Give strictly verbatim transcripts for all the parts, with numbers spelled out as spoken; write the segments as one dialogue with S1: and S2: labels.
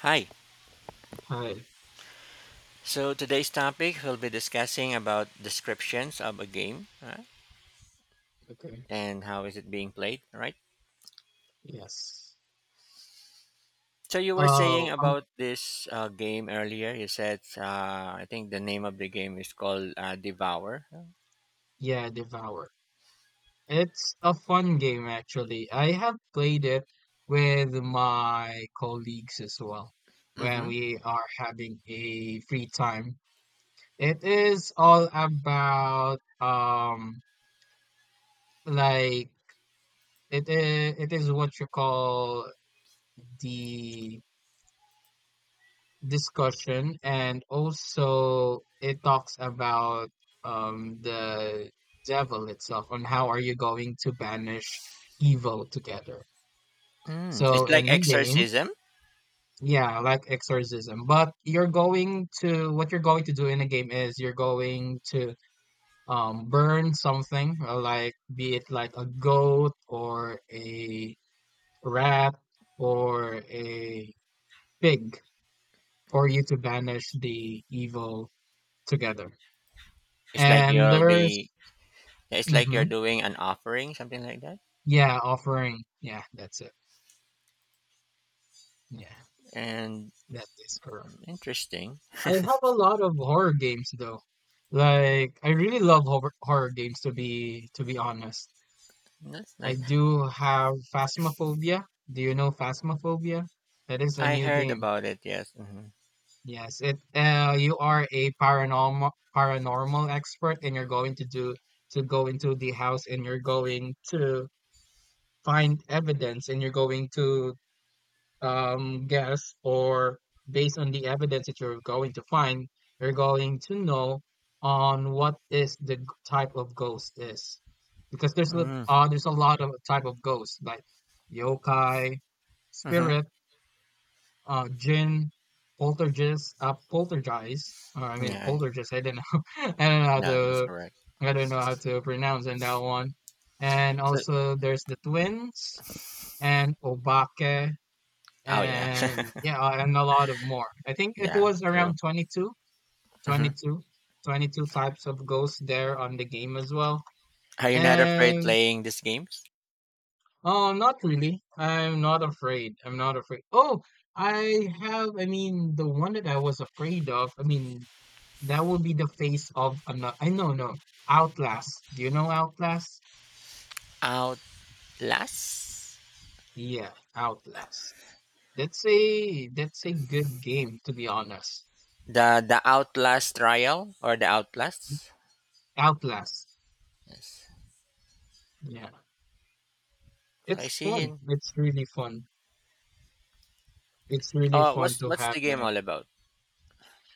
S1: Hi.
S2: Hi.
S1: So today's topic we'll be discussing about descriptions of a game, uh,
S2: Okay.
S1: and how is it being played, right?
S2: Yes.
S1: So you were
S2: Uh,
S1: saying
S2: um,
S1: about this uh, game earlier. You said, uh, I think the name of the game is called, uh, Devour.
S2: yeah, Devour. It's a fun game actually. I have played it with my colleagues as well when
S1: Mm-hmm.
S2: we are having a free time. It is all about, um like, it is it is what you call the discussion, and also it talks about um the devil itself and how are you going to banish evil together.
S1: Mm.
S2: So
S1: It's like
S2: in the game,
S1: exorcism.
S2: yeah, like exorcism, but you're going to— what you're going to do in the game is you're going to um burn something, uh, like, be it like a goat or a rat or a pig, for you to banish the evil together.
S1: It's like
S2: And
S1: you'll
S2: there's...
S1: be. It's like you're
S2: Mhm.
S1: doing an offering, something like that.
S2: Yeah, offering. Yeah, that's it. Yeah,
S1: And
S2: that is correct.
S1: interesting.
S2: I have a lot of horror games though. Like, I really love horror horror games, to be to be honest.
S1: That's
S2: I
S1: nice.
S2: do have Phasmophobia. Do you know Phasmophobia? That is a
S1: I
S2: new
S1: heard
S2: game.
S1: about it. Yes. Mm-hmm.
S2: Yes, it— uh you are a paranormal paranormal expert, and you're going to do— to go into the house, and you're going to find evidence, and you're going to um, guess, or based on the evidence that you're going to find, you're going to know on what is the g- type of ghost is. Because there's a
S1: Mm-hmm.
S2: uh, there's a lot of type of ghosts like yokai,
S1: Mm-hmm.
S2: spirit, uh, jinn, poltergeist, uh, poltergeist. Or I mean
S1: Yeah. I-
S2: poltergeist. I don't know. I don't know how
S1: No, that's
S2: to
S1: correct.
S2: I don't know how to pronounce in that one. And
S1: So,
S2: also there's the twins and obake,
S1: oh yeah.
S2: and yeah, uh, and a lot of more. I think it
S1: Yeah,
S2: was
S1: true.
S2: around twenty-two,
S1: Hmm.
S2: twenty-two, twenty-two types of ghosts there on the game as well.
S1: Are you not afraid
S2: And...
S1: playing these games?
S2: oh, not really. I'm not afraid. I'm not afraid. Oh, I have. I mean, the one that I was afraid of, I mean, that would be the Face of Another. I know— no. Outlast. Do you know Outlast?
S1: Outlast?
S2: Yeah, Outlast. That's a that's a good game, to be honest.
S1: The the Outlast trial or the Outlast?
S2: Outlast.
S1: Yes.
S2: Yeah.
S1: So
S2: It's
S1: I see
S2: fun.
S1: him.
S2: It's really fun. It's really
S1: Oh,
S2: fun
S1: what's
S2: to
S1: what's
S2: have
S1: the game
S2: that.
S1: all about?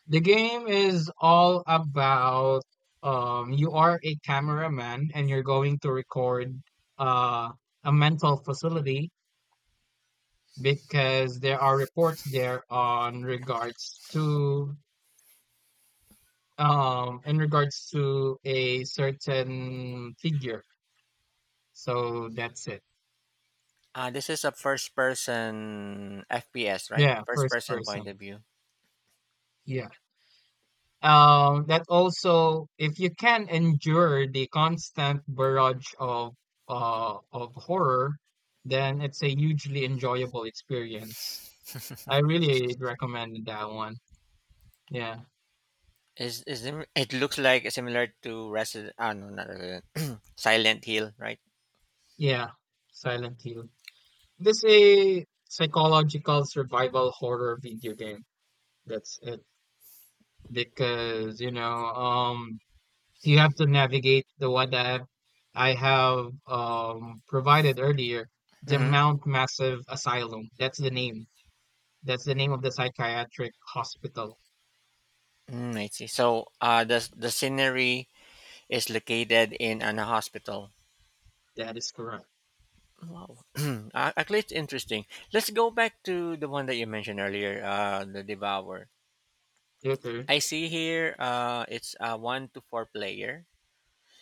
S2: The game is all about, um you are a cameraman and you're going to record uh a mental facility, because there are reports there on regards to um in regards to a certain figure. So that's it.
S1: Uh, this is a first person F P S, right?
S2: Yeah,
S1: First
S2: first
S1: person point
S2: person.
S1: of view.
S2: Yeah. Um, that also, if you can endure the constant barrage of, uh, of horror, then it's a hugely enjoyable experience. I really recommend that one. Yeah,
S1: Is is sim- it looks like similar to Resident? Ah, no, not Resident. Silent Hill, right?
S2: yeah, Silent Hill. This a psychological survival horror video game. That's it. Because you know, um, you have to navigate the one that I have, um, provided earlier, the
S1: Mm-hmm.
S2: Mount Massive Asylum. That's the name. That's the name of the psychiatric hospital.
S1: Mm, I see. So, uh, the the scenery is located in an hospital.
S2: That is correct.
S1: Wow. Uh, Actually, it's interesting. Let's go back to the one that you mentioned earlier, uh, the Devour.
S2: Okay.
S1: I see here, uh, it's a one to four player.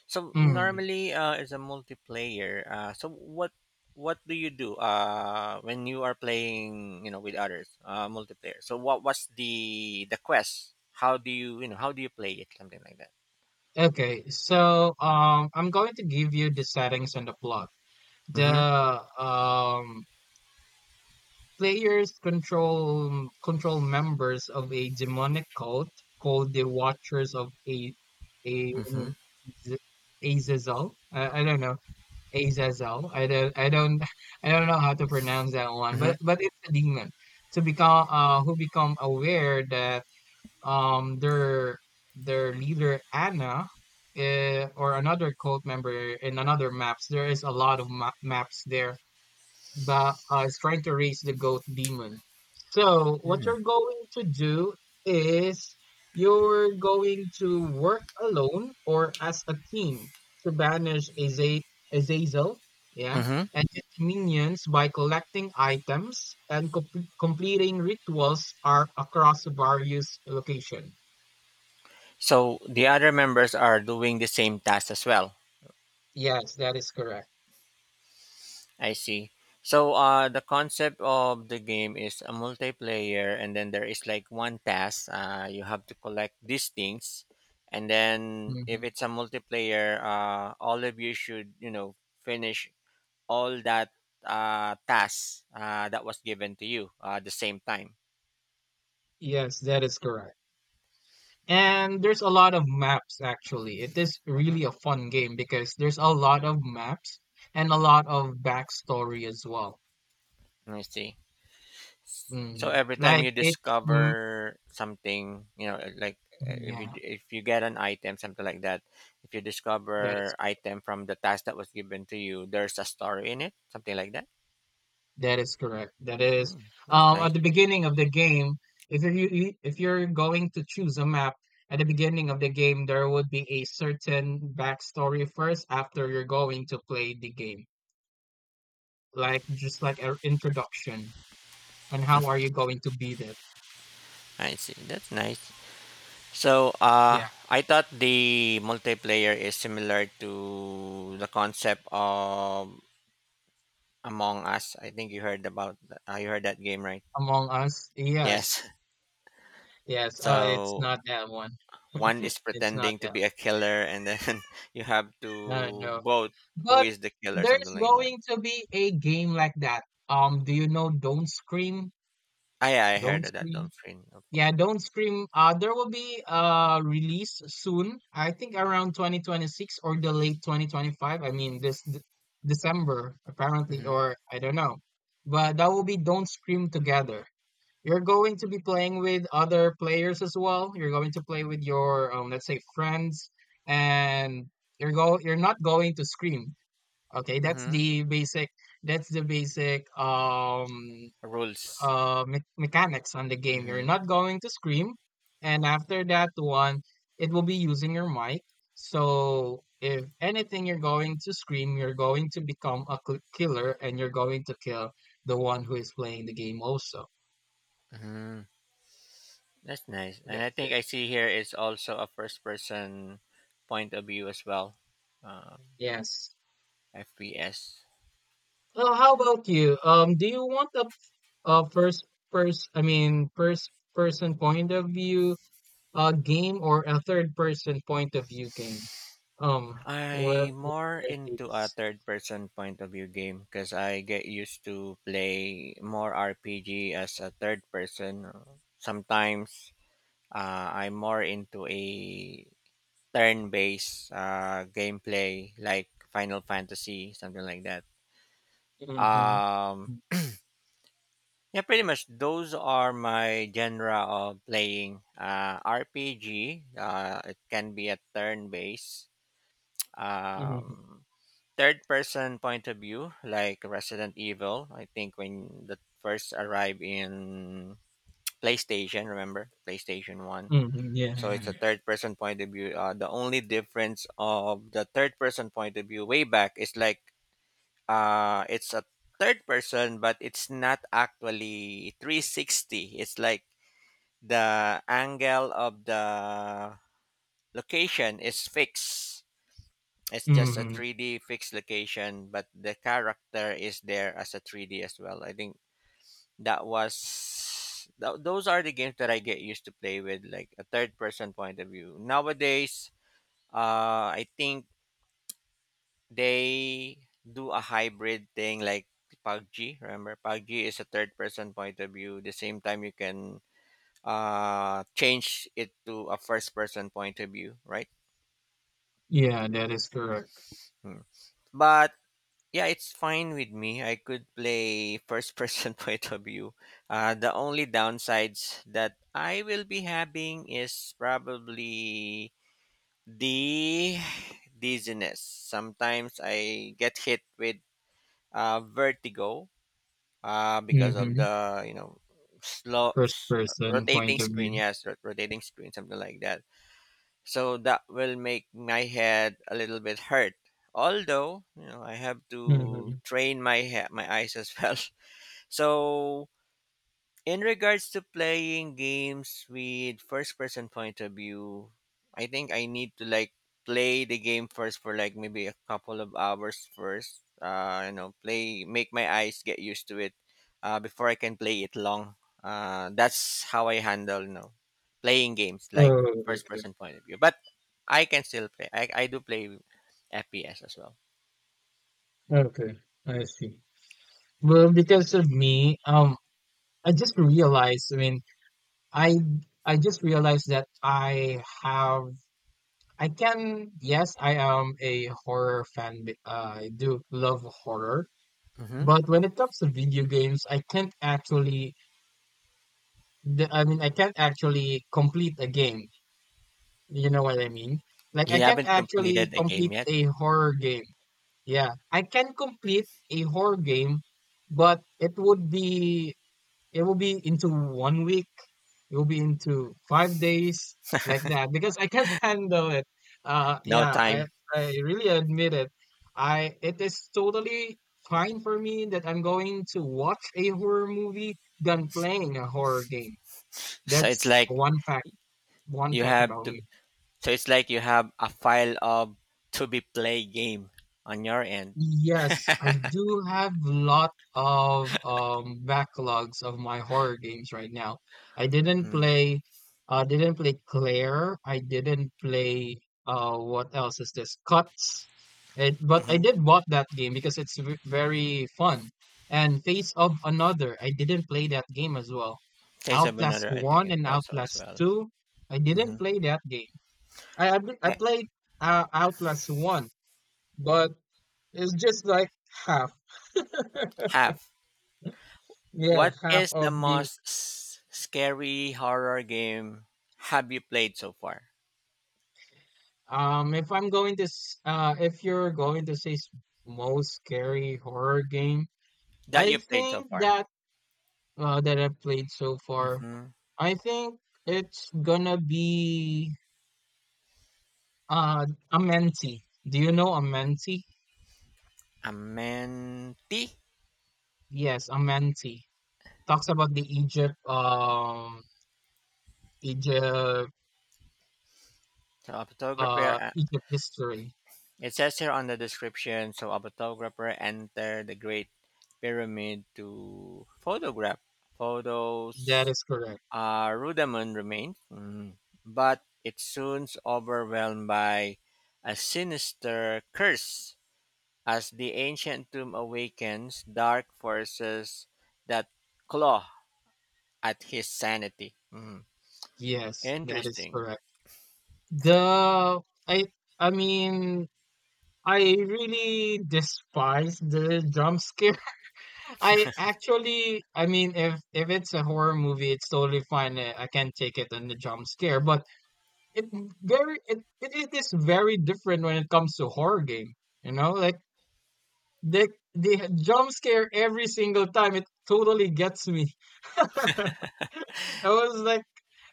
S1: So
S2: Mm.
S1: normally, uh, it's a multiplayer. Uh, so what what do you do uh, when you are playing, you know, with others, uh, multiplayer? So what what's the the quest? How do you you know how do you play it? Something like that.
S2: Okay. So, um, I'm going to give you the settings and the plot. The,
S1: Mm-hmm.
S2: um, players control um, control members of a demonic cult called the Watchers of a a
S1: Mm-hmm.
S2: Azazel. I, I don't know Azazel. I don't, I don't, I don't know how to pronounce that one, but but it's a demon. To become, uh, who become aware that um their their leader Anna, uh, or another cult member in another maps. There is a lot of ma- maps there, but uh, is trying to raise the goat demon. So what
S1: Mm-hmm.
S2: you're going to do is you're going to work alone or as a team to banish Aza- Azazel, yeah,
S1: Mm-hmm.
S2: and his minions by collecting items and com- completing rituals are across various locations.
S1: So the other members are doing the same task as well.
S2: Yes, that is correct.
S1: I see. So, uh, the concept of the game is a multiplayer, and then there is like one task. Uh, you have to collect these things, and then if
S2: Mhm.
S1: it's a multiplayer, uh, all of you should, you know, finish all that, uh, tasks uh, that was given to you, uh, at the same time.
S2: Yes, that is correct. And there's a lot of maps actually. It is really
S1: Mhm.
S2: a fun game because there's a lot of maps and a lot of backstory as well.
S1: I see. So
S2: Mm,
S1: every time
S2: like
S1: you
S2: it's... mm,
S1: discover something, you know, eh, like, uh, if you
S2: yeah,
S1: if you get an item, something like that, if you
S2: that is
S1: discover item from the task that was given to you, there's a story in it, something like that.
S2: that is correct. That is
S1: Mm, that's
S2: um At
S1: nice.
S2: the beginning of the game, if you're you, you- if you're going to choose a map at the beginning of the game, there would be a certain backstory first, after you're going to play the game, like just like an introduction on how are you going to beat it.
S1: I see. That's nice. So,
S2: Yeah.
S1: uh, I thought the multiplayer is similar to the concept of Among Us. I think you heard about. Th- Uh, you heard that game, right?
S2: Among Us?
S1: Yes.
S2: Yes. Yes. Uh, it's
S1: So
S2: not that one.
S1: one is
S2: It's not
S1: pretending to
S2: that.
S1: be a killer, and then you have
S2: Uh,
S1: to
S2: no.
S1: vote who
S2: But
S1: is the killer,
S2: there's
S1: something like that.
S2: going to be a game like that. Um, do you know Don't Scream?
S1: Ah, yeah, I
S2: Don't
S1: heard of that
S2: Scream.
S1: Dumfries report.
S2: Yeah, Don't Scream. Uh, there will be uh release soon. I think around twenty twenty-six, or the late twenty twenty-five. I mean, this d December apparently,
S1: Mm-hmm.
S2: or I don't know. But that will be Don't Scream Together. You're going to be playing with other players as well. You're going to play with your, um, let's say, friends, and you're go you're not going to scream. Okay, that's
S1: Mm-hmm.
S2: the basic that's the basic, um
S1: Rules.
S2: uh me- mechanics on the game. You're
S1: Mm-hmm.
S2: not going to scream, and after that one, it will be using your mic. So if anything you're going to scream, you're going to become a cl- killer, and you're going to kill the one who is playing the game also.
S1: Mm-hmm. That's nice. And
S2: Yes,
S1: I think
S2: it...
S1: I see here is also a first person point of view as well. Um,
S2: Yes.
S1: F P S.
S2: Uh, how about you? Um, do you want a, a first person, I mean, first person point of view uh game, or a third person point of view game? Um,
S1: I
S2: what what
S1: more
S2: are your
S1: into a
S2: takes?
S1: third person point of view game because I get used to play more R P G as a third person. uh, Sometimes. Uh, I'm more into a turn-based uh, gameplay like Final Fantasy, something like that.
S2: Mm-hmm.
S1: Um, yeah, pretty much those are my genre of playing. Uh, R P G, uh, it can be a turn-based.
S2: Mm-hmm.
S1: Um, Third person point of view like Resident Evil, I think, when the first arrived in PlayStation. Remember PlayStation one?
S2: Mm-hmm. Yeah,
S1: So it's a
S2: yeah.
S1: third person point of view. Uh, the only difference of the third person point of view way back is like, uh, it's a third person, but it's not actually three sixty. It's like the angle of the location is fixed. It's just a
S2: Mm-hmm.
S1: three D fixed location, but the character is there as a three D as well. I think that was th- those are the games that I get used to play with, like a third person point of view. Nowadays, Uh, I think they do a hybrid thing like PUBG. Remember, PUBG is a third person point of view. The same time, you can, uh, change it to a first person point of view, right?
S2: Yeah, that is correct.
S1: Hmm. But yeah, it's fine with me. I could play first person point of view. Uh, the only downsides that I will be having is probably the dizziness. Sometimes I get hit with, uh, vertigo, uh, because of
S2: Mm-hmm.
S1: the, you know, slow
S2: First
S1: s-
S2: person point
S1: rotating
S2: of
S1: screen.
S2: view.
S1: Yes, rot- rotating screen, something like that, so that will make my head a little bit hurt, although, you know, I have to
S2: Mm-hmm.
S1: train my head, my eyes as well. So in regards to playing games with first person point of view, I think I need to, like, play the game first for like maybe a couple of hours first. Uh, you know, play, make my eyes get used to it, uh, before I can play it long. Uh, that's how I handle, you know, playing games like
S2: Oh,
S1: first
S2: okay.
S1: person point of view. But I can still play. I, I do play F P S as well.
S2: Okay, I see. Well, because of me, um, I just realized, I mean, I I just realized that I have I can yes, I am a horror fan, b- uh, I do love horror,
S1: Hmm.
S2: but when it comes to video games, I can't actually— the- I mean, I can't actually complete a game, you know what I mean, like, I
S1: You
S2: can't
S1: haven't
S2: actually
S1: completed a game
S2: complete
S1: yet.
S2: a horror game. Yeah, I can complete a horror game, but it would be it will be into one week. It will be into five days, like that, because I can't handle it. Uh,
S1: No
S2: yeah, I
S1: time.
S2: I really admit it. I It is totally fine for me that I'm going to watch a horror movie than playing a horror game.
S1: So it's
S2: That's
S1: like
S2: one fact. One
S1: you
S2: fact
S1: have
S2: about
S1: to
S2: me.
S1: So it's like you have a file of to be play game on your end.
S2: Yes, I do have lot of um backlogs of my horror games right now. I didn't
S1: Mm,
S2: play uh didn't play Claire. I didn't play... uh what else is this? Cuts. It, but I
S1: hmm.
S2: did bought that game because it's v very fun. And Face of Another, I didn't play that game as well.
S1: Taste of
S2: Outlast
S1: another, I think
S2: one
S1: it
S2: and
S1: also as
S2: Outlast
S1: well.
S2: two, I didn't
S1: Hmm.
S2: play that game. I I, I played, uh, Outlast one, but it's just like half.
S1: Have
S2: Yeah,
S1: what
S2: half
S1: is the
S2: of the...
S1: most s- scary horror game have you played so far?
S2: um if I'm going to s- uh if you're going to say s- most scary horror game,
S1: That
S2: I
S1: you played
S2: think
S1: so far?
S2: that uh that I've played so far,
S1: Mm-hmm.
S2: I think it's gonna be uh Amenti. Do you know Amenti?
S1: A mentee,
S2: Yes, Amenti. Talks about the Egypt um Egypt
S1: so a photographer.
S2: uh
S1: uh,
S2: Egypt history.
S1: It says here on the description, so a photographer entered the Great Pyramid to photograph
S2: That
S1: photos.
S2: is correct.
S1: Uh, Rudaman remained, mm, but it soon overwhelmed by a sinister curse. As the ancient tomb awakens, dark forces that claw at his sanity. Mm,
S2: Yes, that is
S1: Interesting.
S2: correct. The I I mean, I really despise the jump scare. I actually, I mean, if if it's a horror movie, it's totally fine. uh, I can take it on the jump scare, but it very it, it it is very different when it comes to horror game. You know, like they they jump scare every single time. It totally gets me. I was like...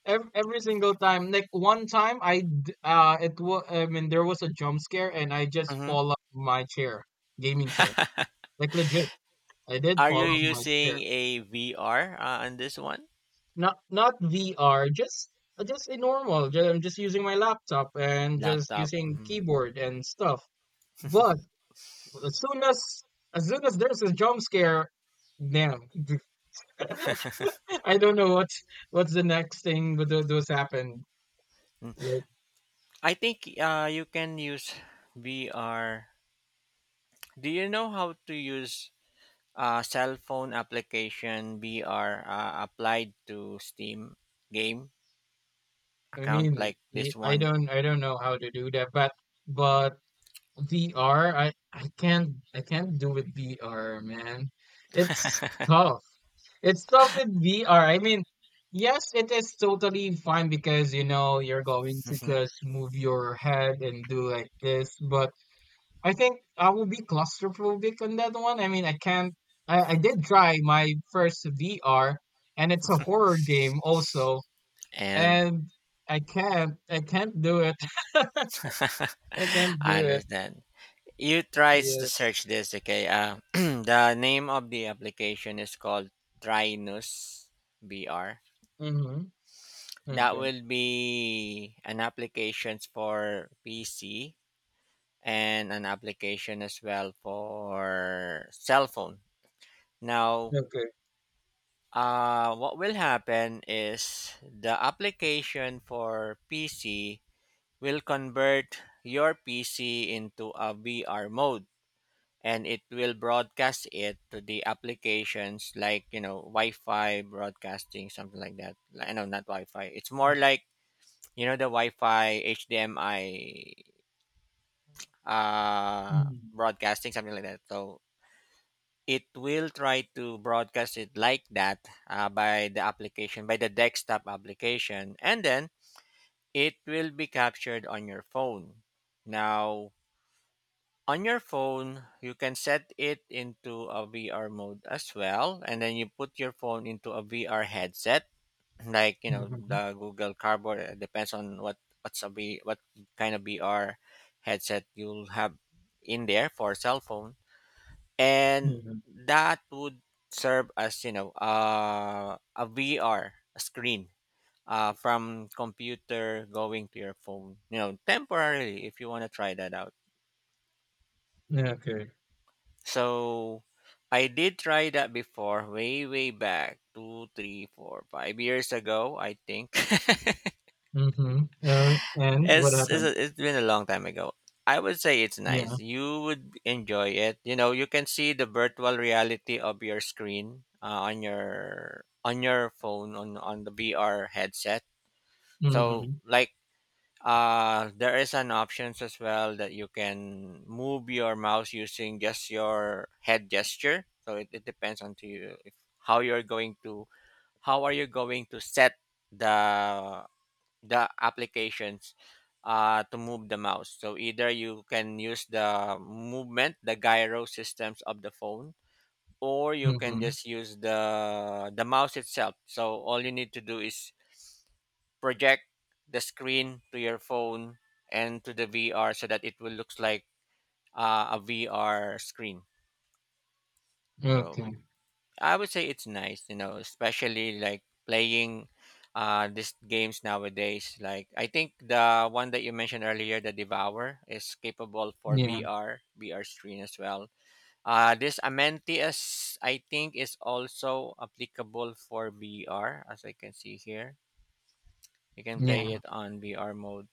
S2: Every, every single time, like one time, I d- uh, it was— I mean, there was a jump scare, and I just
S1: Mhm.
S2: fall off my chair, gaming chair. Like legit, I did
S1: Are you
S2: fall off my
S1: using
S2: chair.
S1: a V R, uh, on this one?
S2: Not not V R, just, uh, just a normal... ju- I'm just using my laptop and just
S1: Laptop.
S2: using
S1: Mhm.
S2: keyboard and stuff. But as soon as as soon as there's a jump scare, damn, I don't know what what's the next thing that was happened.
S1: mm I think, uh, you can use V R. Do you know how to use, uh, cell phone application B R, uh, applied to Steam game
S2: I
S1: account
S2: mean,
S1: like
S2: y-
S1: this
S2: I
S1: one.
S2: don't, I don't know how to do that, but but V R, I, I can't, I can't do with V R, man. It's tough. It's tough with V R. I mean, yes, it is totally fine because you know you're going to just move your head and do like this, but I think I will be claustrophobic on that one. I mean, I can't. I, I did try my first V R, and it's a horror game also.
S1: And
S2: And I can't, I can't do it. I can't do
S1: I
S2: it.
S1: understand. You try to
S2: Yes.
S1: search this, okay? Uh, the name of the application is called Trinus B R.
S2: Mhm.
S1: That
S2: Okay.
S1: will be an applications for P C and an application as well for cell phone. Now,
S2: Okay.
S1: Uh, what will happen is the application for P C will convert your P C into a V R mode and it will broadcast it to the applications like, you know, Wi-Fi broadcasting, something like that. I know not Wi-Fi. It's more like, you know, the Wi-Fi H D M I, uh
S2: Mhm.
S1: broadcasting, something like that. So it will try to broadcast it like that, uh, by the application, by the desktop application, and then it will be captured on your phone. Now on your phone you can set it into a VR mode as well, and then you put your phone into a VR headset, like, you know,
S2: Mhm.
S1: the Google Cardboard. It depends on what what's a v, what kind of VR headset you'll have in there for cell phone, and
S2: Mhm.
S1: that would serve as, you know, uh, a V R screen, uh, from computer going to your phone, you know, temporarily, if you want to try that out.
S2: Okay.
S1: So I did try that before, way way back two three four five years ago, I think.
S2: Mhm. Uh, and what
S1: It's it's,
S2: happened?
S1: a, it's been a long time ago. I would say it's
S2: Yeah.
S1: nice. You would enjoy it. You know, you can see the virtual reality of your screen, uh, on your on your phone, on on the V R headset. So
S2: Mhm.
S1: like, uh there is an options as well that you can move your mouse using just your head gesture. So it, it depends on to you if how you're going to how are you going to set the the applications, uh, to move the mouse. So either you can use the movement, the gyro systems of the phone, or you can
S2: Mhm.
S1: just use the the mouse itself. So all you need to do is project the screen to your phone and to the V R so that it will looks like, uh, a V R screen. So
S2: Okay.
S1: I would say it's nice, you know, especially like playing uh these games nowadays. Like I think the one that you mentioned earlier, the Devour, is capable for
S2: Yeah.
S1: V R, V R screen as well. Uh this Amentius, I think, is also applicable for V R as I can see here. You can play
S2: Yeah.
S1: it on V R mode.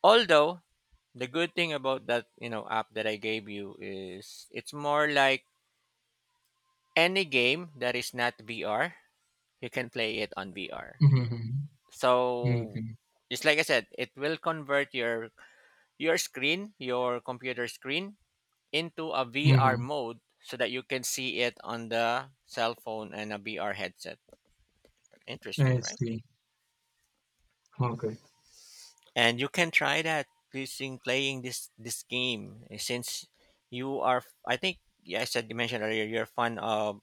S1: Although the good thing about that, you know, app that I gave you, is it's more like any game that is not V R, you can play it on V R.
S2: Mhm.
S1: So
S2: Okay.
S1: just like I said, it will convert your your screen, your computer screen, into a V R
S2: Mhm.
S1: mode so that you can see it on the cell phone and a V R headset.
S2: I
S1: Interesting, right?
S2: see. Okay.
S1: And you can try that using playing this this game, eh, since you are, I think, yeah, I said you mentioned earlier you're fun of,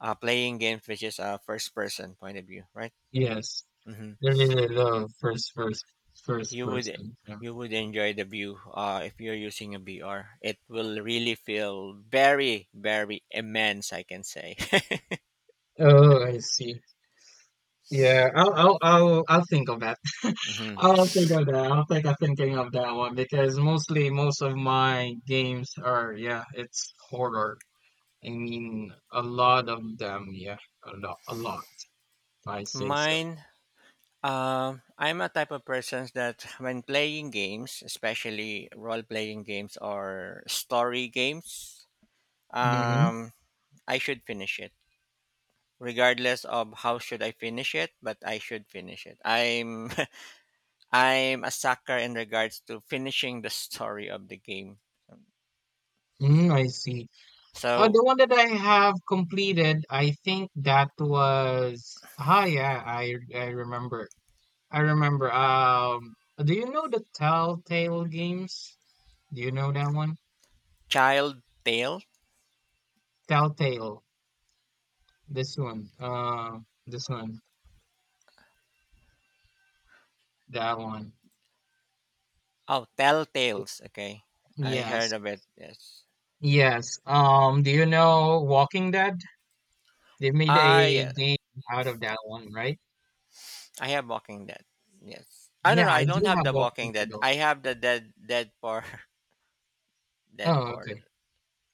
S1: uh, playing games which is a first person point of view, right?
S2: Yes.
S1: Mhm.
S2: There is a love first, first, first
S1: you would
S2: person. Yeah.
S1: you would enjoy the view, uh, if you're using a V R. It will really feel very very immense. I can say.
S2: Oh, I see. Yeah. I'll, I'll, I'll, I'll think of that.
S1: Hmm.
S2: I don't think of that. I don't think I'm thinking of that one, because mostly most of my games are, yeah, it's horror. I mean, a lot of them, yeah, a lot, a lot. I say so.
S1: Mine. Um, I'm a type of person that when playing games, especially role-playing games or story games,
S2: Mm-hmm.
S1: um, I should finish it, regardless of how should I finish it. But I should finish it. I'm I'm a sucker in regards to finishing the story of the game.
S2: Mm, I see. Uh,
S1: So
S2: the one that I have completed, I think that was... Ah, yeah, I I remember. I remember. Um, do you know the Telltale games? Do you know that one?
S1: Child Tale?
S2: Telltale. This one. Uh, this one. That one.
S1: Oh, Tell Tales. Okay. I heard
S2: Yes.
S1: of it. Yes.
S2: Yes. Um, do you know Walking Dead? They made
S1: Ah,
S2: a
S1: yes.
S2: game out of that one, right?
S1: I have Walking Dead. Yes. I don't
S2: Yeah,
S1: know.
S2: I
S1: I don't
S2: do
S1: have
S2: have
S1: the
S2: Walking
S1: Walking Dead.
S2: Dead also.
S1: I have the Dead Dead for Dead
S2: Oh,
S1: for
S2: okay.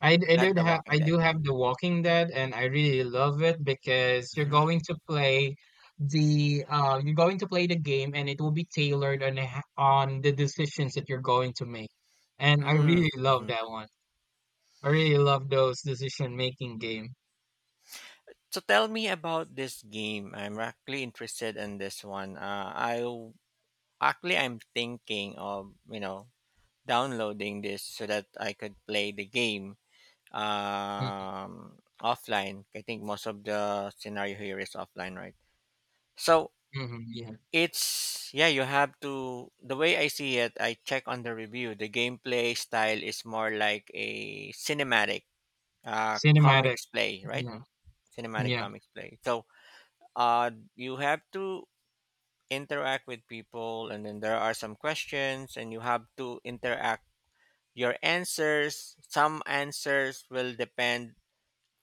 S2: I, d- I
S1: not
S2: did
S1: the
S2: have I
S1: Walking Dead.
S2: do have The Walking Dead, and I really love it because you're
S1: Hmm.
S2: going to play the uh you're going to play the game, and it will be tailored on the ha- on the decisions that you're going to make. And I
S1: Mm,
S2: really love
S1: hmm.
S2: that one. I really love those decision making game.
S1: So tell me about this game. I'm actually interested in this one. Uh, I w- actually, I'm thinking of you know downloading this so that I could play the game, um, offline. I think most of the scenario here is offline, right? So
S2: Mm-hmm, mm-hmm, yeah.
S1: it's, yeah, you have to. The way I see it, I check on the review. The gameplay style is more like a cinematic, uh,
S2: Cinematic.
S1: comics play, right?
S2: Yeah.
S1: Cinematic
S2: Yeah.
S1: comics play. So uh, you have to interact with people, and then there are some questions, and you have to interact. Your answers, some answers will depend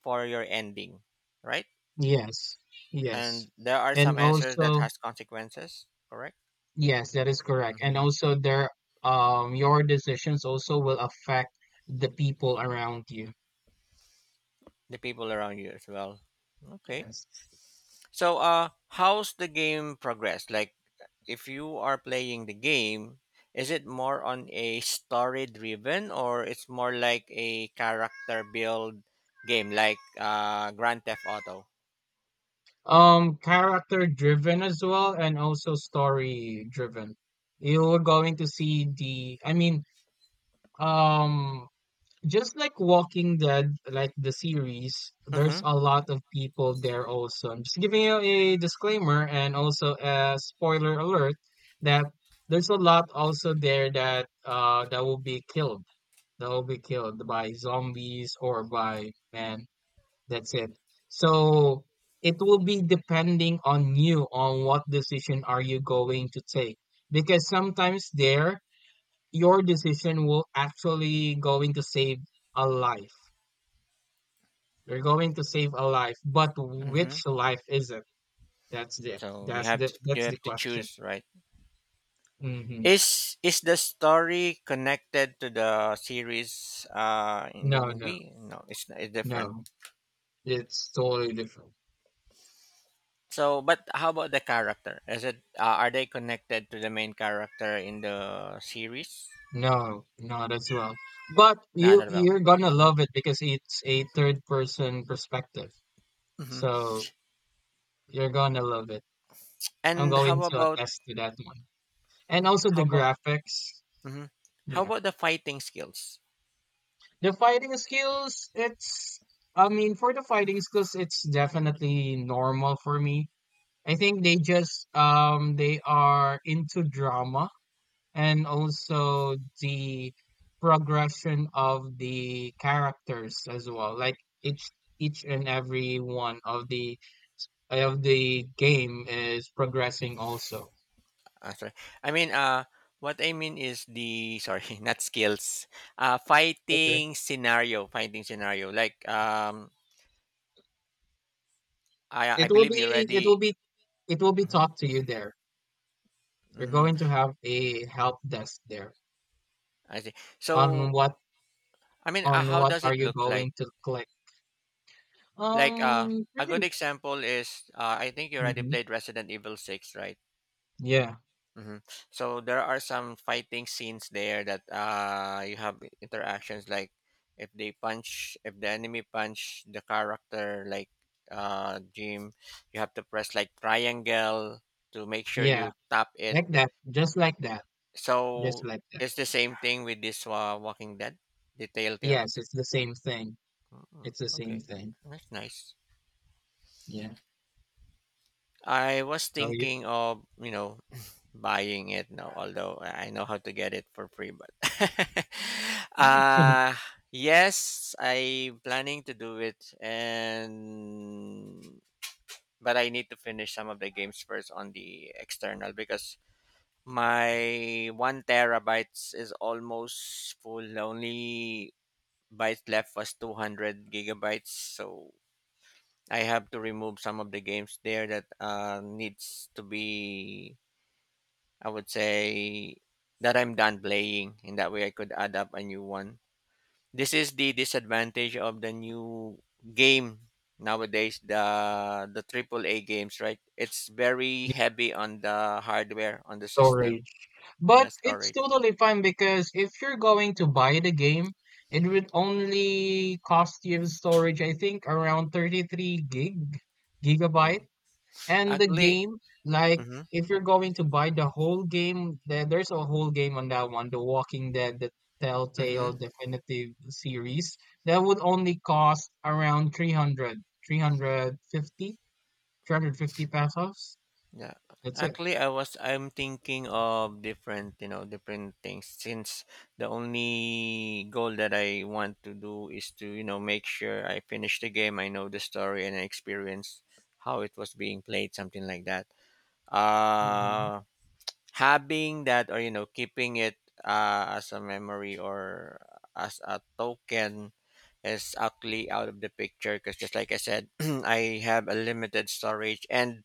S1: for your ending, right?
S2: Yes. Yes.
S1: And there are
S2: And
S1: some answers that
S2: also,
S1: has consequences, correct?
S2: yes, that is correct. And
S1: Hmm.
S2: also there, um your decisions also will affect the people around you.
S1: The people around you as well. Okay,
S2: Yes.
S1: so uh how's the game progress, like if you are playing the game, is it more on a story driven or it's more like a character build game like uh Grand Theft Auto?
S2: Um character driven as well, and also story driven. You are going to see the I mean, um just like Walking Dead, like the series,
S1: Mm-hmm.
S2: there's a lot of people there also. I'm just giving you a disclaimer and also a spoiler alert that there's a lot also there that uh that will be killed. That will be killed by zombies or by man. That's it. So it will be depending on you on what decision are you going to take. Because sometimes there your decision will actually going to save a life. You're going to save a life, but
S1: Mm-hmm.
S2: which life is it? That's the
S1: So you
S2: that's
S1: have
S2: the
S1: to, you
S2: that's the
S1: have to
S2: question.
S1: choose, right?
S2: Hmm.
S1: Is is the story connected to the series uh in the
S2: No, no,
S1: movie? No, it's it's different.
S2: no. It's totally different.
S1: So, but how about the character? Is it uh, are they connected to the main character in the series?
S2: No, not as well. But
S1: Nah,
S2: you
S1: not at all.
S2: you're gonna
S1: Hmm.
S2: love it because it's a third person perspective.
S1: Hmm.
S2: So you're gonna love it. I'm
S1: And
S2: going
S1: how
S2: to
S1: about,
S2: attest to that one. And also
S1: how
S2: the
S1: about,
S2: graphics.
S1: mhm, how
S2: Yeah.
S1: about the fighting skills?
S2: The fighting skills, it's, I mean, for the fighting skills, it's definitely normal for me. I think they just, um, they are into drama, and also the progression of the characters as well. Like each, each and every one of the of the game is progressing also.
S1: Uh, sorry, I mean uh, what I mean is the, sorry, not skills. Uh,
S2: Okay.
S1: fighting scenario, fighting scenario. Like, um, I I
S2: It will
S1: believe you
S2: be, it will
S1: already.
S2: be it will be taught to you there. You're
S1: Mm,
S2: going to have a help desk there
S1: I see.
S2: on
S1: So,
S2: what.
S1: I mean, uh,
S2: On
S1: how
S2: what
S1: does
S2: are
S1: it
S2: you
S1: look like?
S2: going to click?
S1: Like, uh,
S2: Um,
S1: a
S2: pretty.
S1: good example is, uh, I think you already
S2: Mhm.
S1: played Resident Evil six, right?
S2: Yeah,
S1: Hmm. So there are some fighting scenes there that uh, you have interactions like if they punch, if the enemy punch the character, like uh, Jim, you have to press like triangle to make sure
S2: yeah,
S1: you tap it.
S2: like that, just like that, just
S1: So
S2: like that.
S1: it's the same thing with this uh, Walking Dead, the
S2: Yes,
S1: Telltales.
S2: it's the same thing.
S1: Mm,
S2: It's the same
S1: okay,
S2: thing.
S1: that's nice.
S2: Yeah.
S1: I was
S2: So you,
S1: thinking of you know buying it now, although I I know how to get it for free. But
S2: you can use
S1: uh yes, I'm planning to do it, and but I need to finish some of the games first on the external because my one terabytes is almost full. The only byte left was two hundred gigabytes, so I have to remove some of the games there that uh, needs to be, I would say, that I'm done playing. In that way, I could add up a new one. This is the disadvantage of the new game nowadays. The the triple A games, right? It's very heavy on the hardware, on the system.
S2: storage, but
S1: Yeah,
S2: it's
S1: storage.
S2: totally fine because if you're going to buy the game, it would only cost you storage, I think, around thirty-three gig gigabyte.
S1: No,
S2: And the
S1: actually.
S2: game, like
S1: Mm-hmm,
S2: if you're going to buy the whole game, there, there's a whole game on that one, The Walking Dead, the Telltale
S1: mm-hmm.
S2: Definitive series, that would only cost around three hundred, three hundred fifty, three hundred fifty pesos.
S1: Yeah,
S2: That's it.
S1: actually, I was I'm thinking of different, you know, different things, since the only goal that I want to do is to, you know, make sure I finish the game, I know the story, and I experience how it was being played, something like that.
S2: Mhm.
S1: Uh, having that, or you know, keeping it uh, as a memory or as a token is actually out of the picture, because just like I said, I have a limited storage and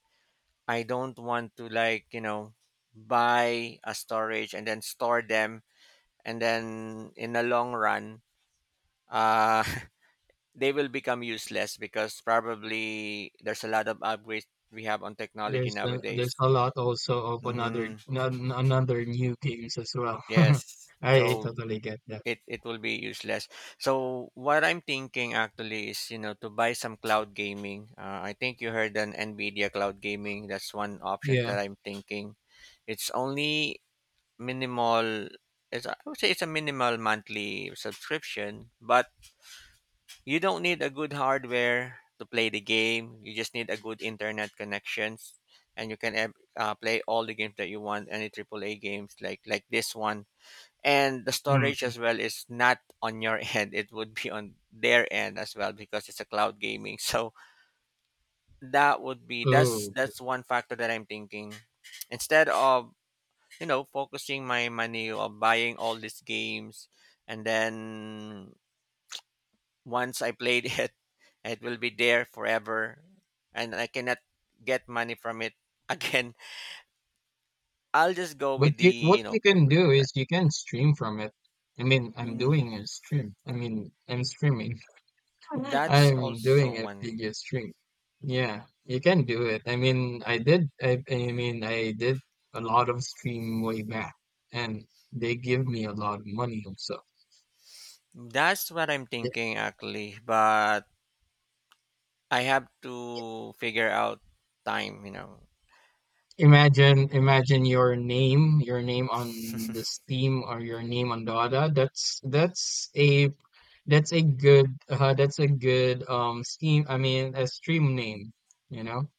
S1: I don't want to, like, you know, buy a storage and then store them, and then in the long run, uh they will become useless because probably there's a lot of upgrades we have on technology
S2: There's a, there's
S1: nowadays.
S2: a lot also of another
S1: Mhm.
S2: non- another new games as well.
S1: Yes.
S2: I
S1: So
S2: totally get that.
S1: it it will be useless. So what I'm thinking actually is, you know, to buy some cloud gaming. Uh, I think you heard an Nvidia cloud gaming. That's one option
S2: Yeah.
S1: that I'm thinking. It's only minimal, it's, I would say it's a minimal monthly subscription, but you don't need a good hardware to play the game. You just need a good internet connections, and you can ev- uh, play all the games that you want, any triple A games like like this one. And the storage
S2: Mm.
S1: as well is not on your end; it would be on their end as well because it's a cloud gaming. So that would be, that's
S2: Oh.
S1: that's one factor that I'm thinking. Instead of, you know, focusing my money on buying all these games, and then once I played it, it will be there forever, and I cannot get money from it again. I'll just go
S2: But
S1: with the,
S2: you, what
S1: you know,
S2: you can
S1: with
S2: do
S1: it.
S2: is you can stream from it. I mean, I'm
S1: Mm,
S2: doing a stream. I mean, I'm streaming.
S1: that's
S2: I'm
S1: also
S2: doing a
S1: one.
S2: video stream. Yeah, you can do it. I mean, I did. I, I mean, I did a lot of stream way back, and they give me a lot of money also.
S1: That's what I'm
S2: I-
S1: thinking actually, but I have to figure out time. You know,
S2: Imagine, imagine, your name, your name, on the Steam, or your name on Dada. That's that's a That's a good, uh, that's a good um scheme. I mean, a stream name, you know?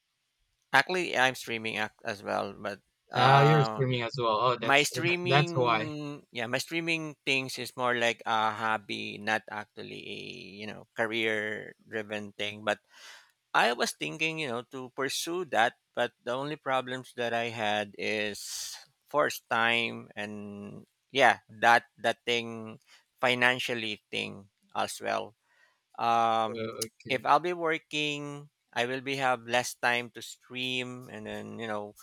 S1: actually I'm streaming ac- as well, but
S2: Ah, you're
S1: uh
S2: streaming as well. Oh,
S1: My
S2: that's uh, that,
S1: streaming
S2: that's why.
S1: yeah, my streaming things is more like a hobby, not actually a, you know, career driven thing. But I was thinking, you know, to pursue that, but the only problems that I had is first time and yeah, that, that thing, financially thing as well. Um,
S2: Uh, okay.
S1: if I'll be working, I will be have less time to stream, and then, you know,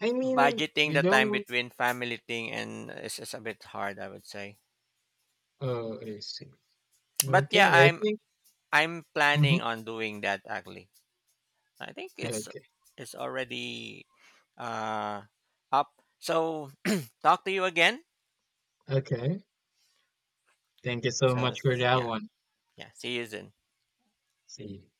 S2: I mean,
S1: budgeting
S2: you
S1: the time
S2: don't.
S1: between family thing, and it's just a bit hard, I would say.
S2: Oh, I see.
S1: But yeah,
S2: Okay, I
S1: i'm
S2: think.
S1: I'm
S2: Mm-hmm.
S1: planning on doing that actually. I think it's
S2: Okay.
S1: it's already uh up. So talk to you again.
S2: Okay. Thank you so
S1: So
S2: much for that
S1: yeah,
S2: one.
S1: yeah, see you soon.
S2: See you.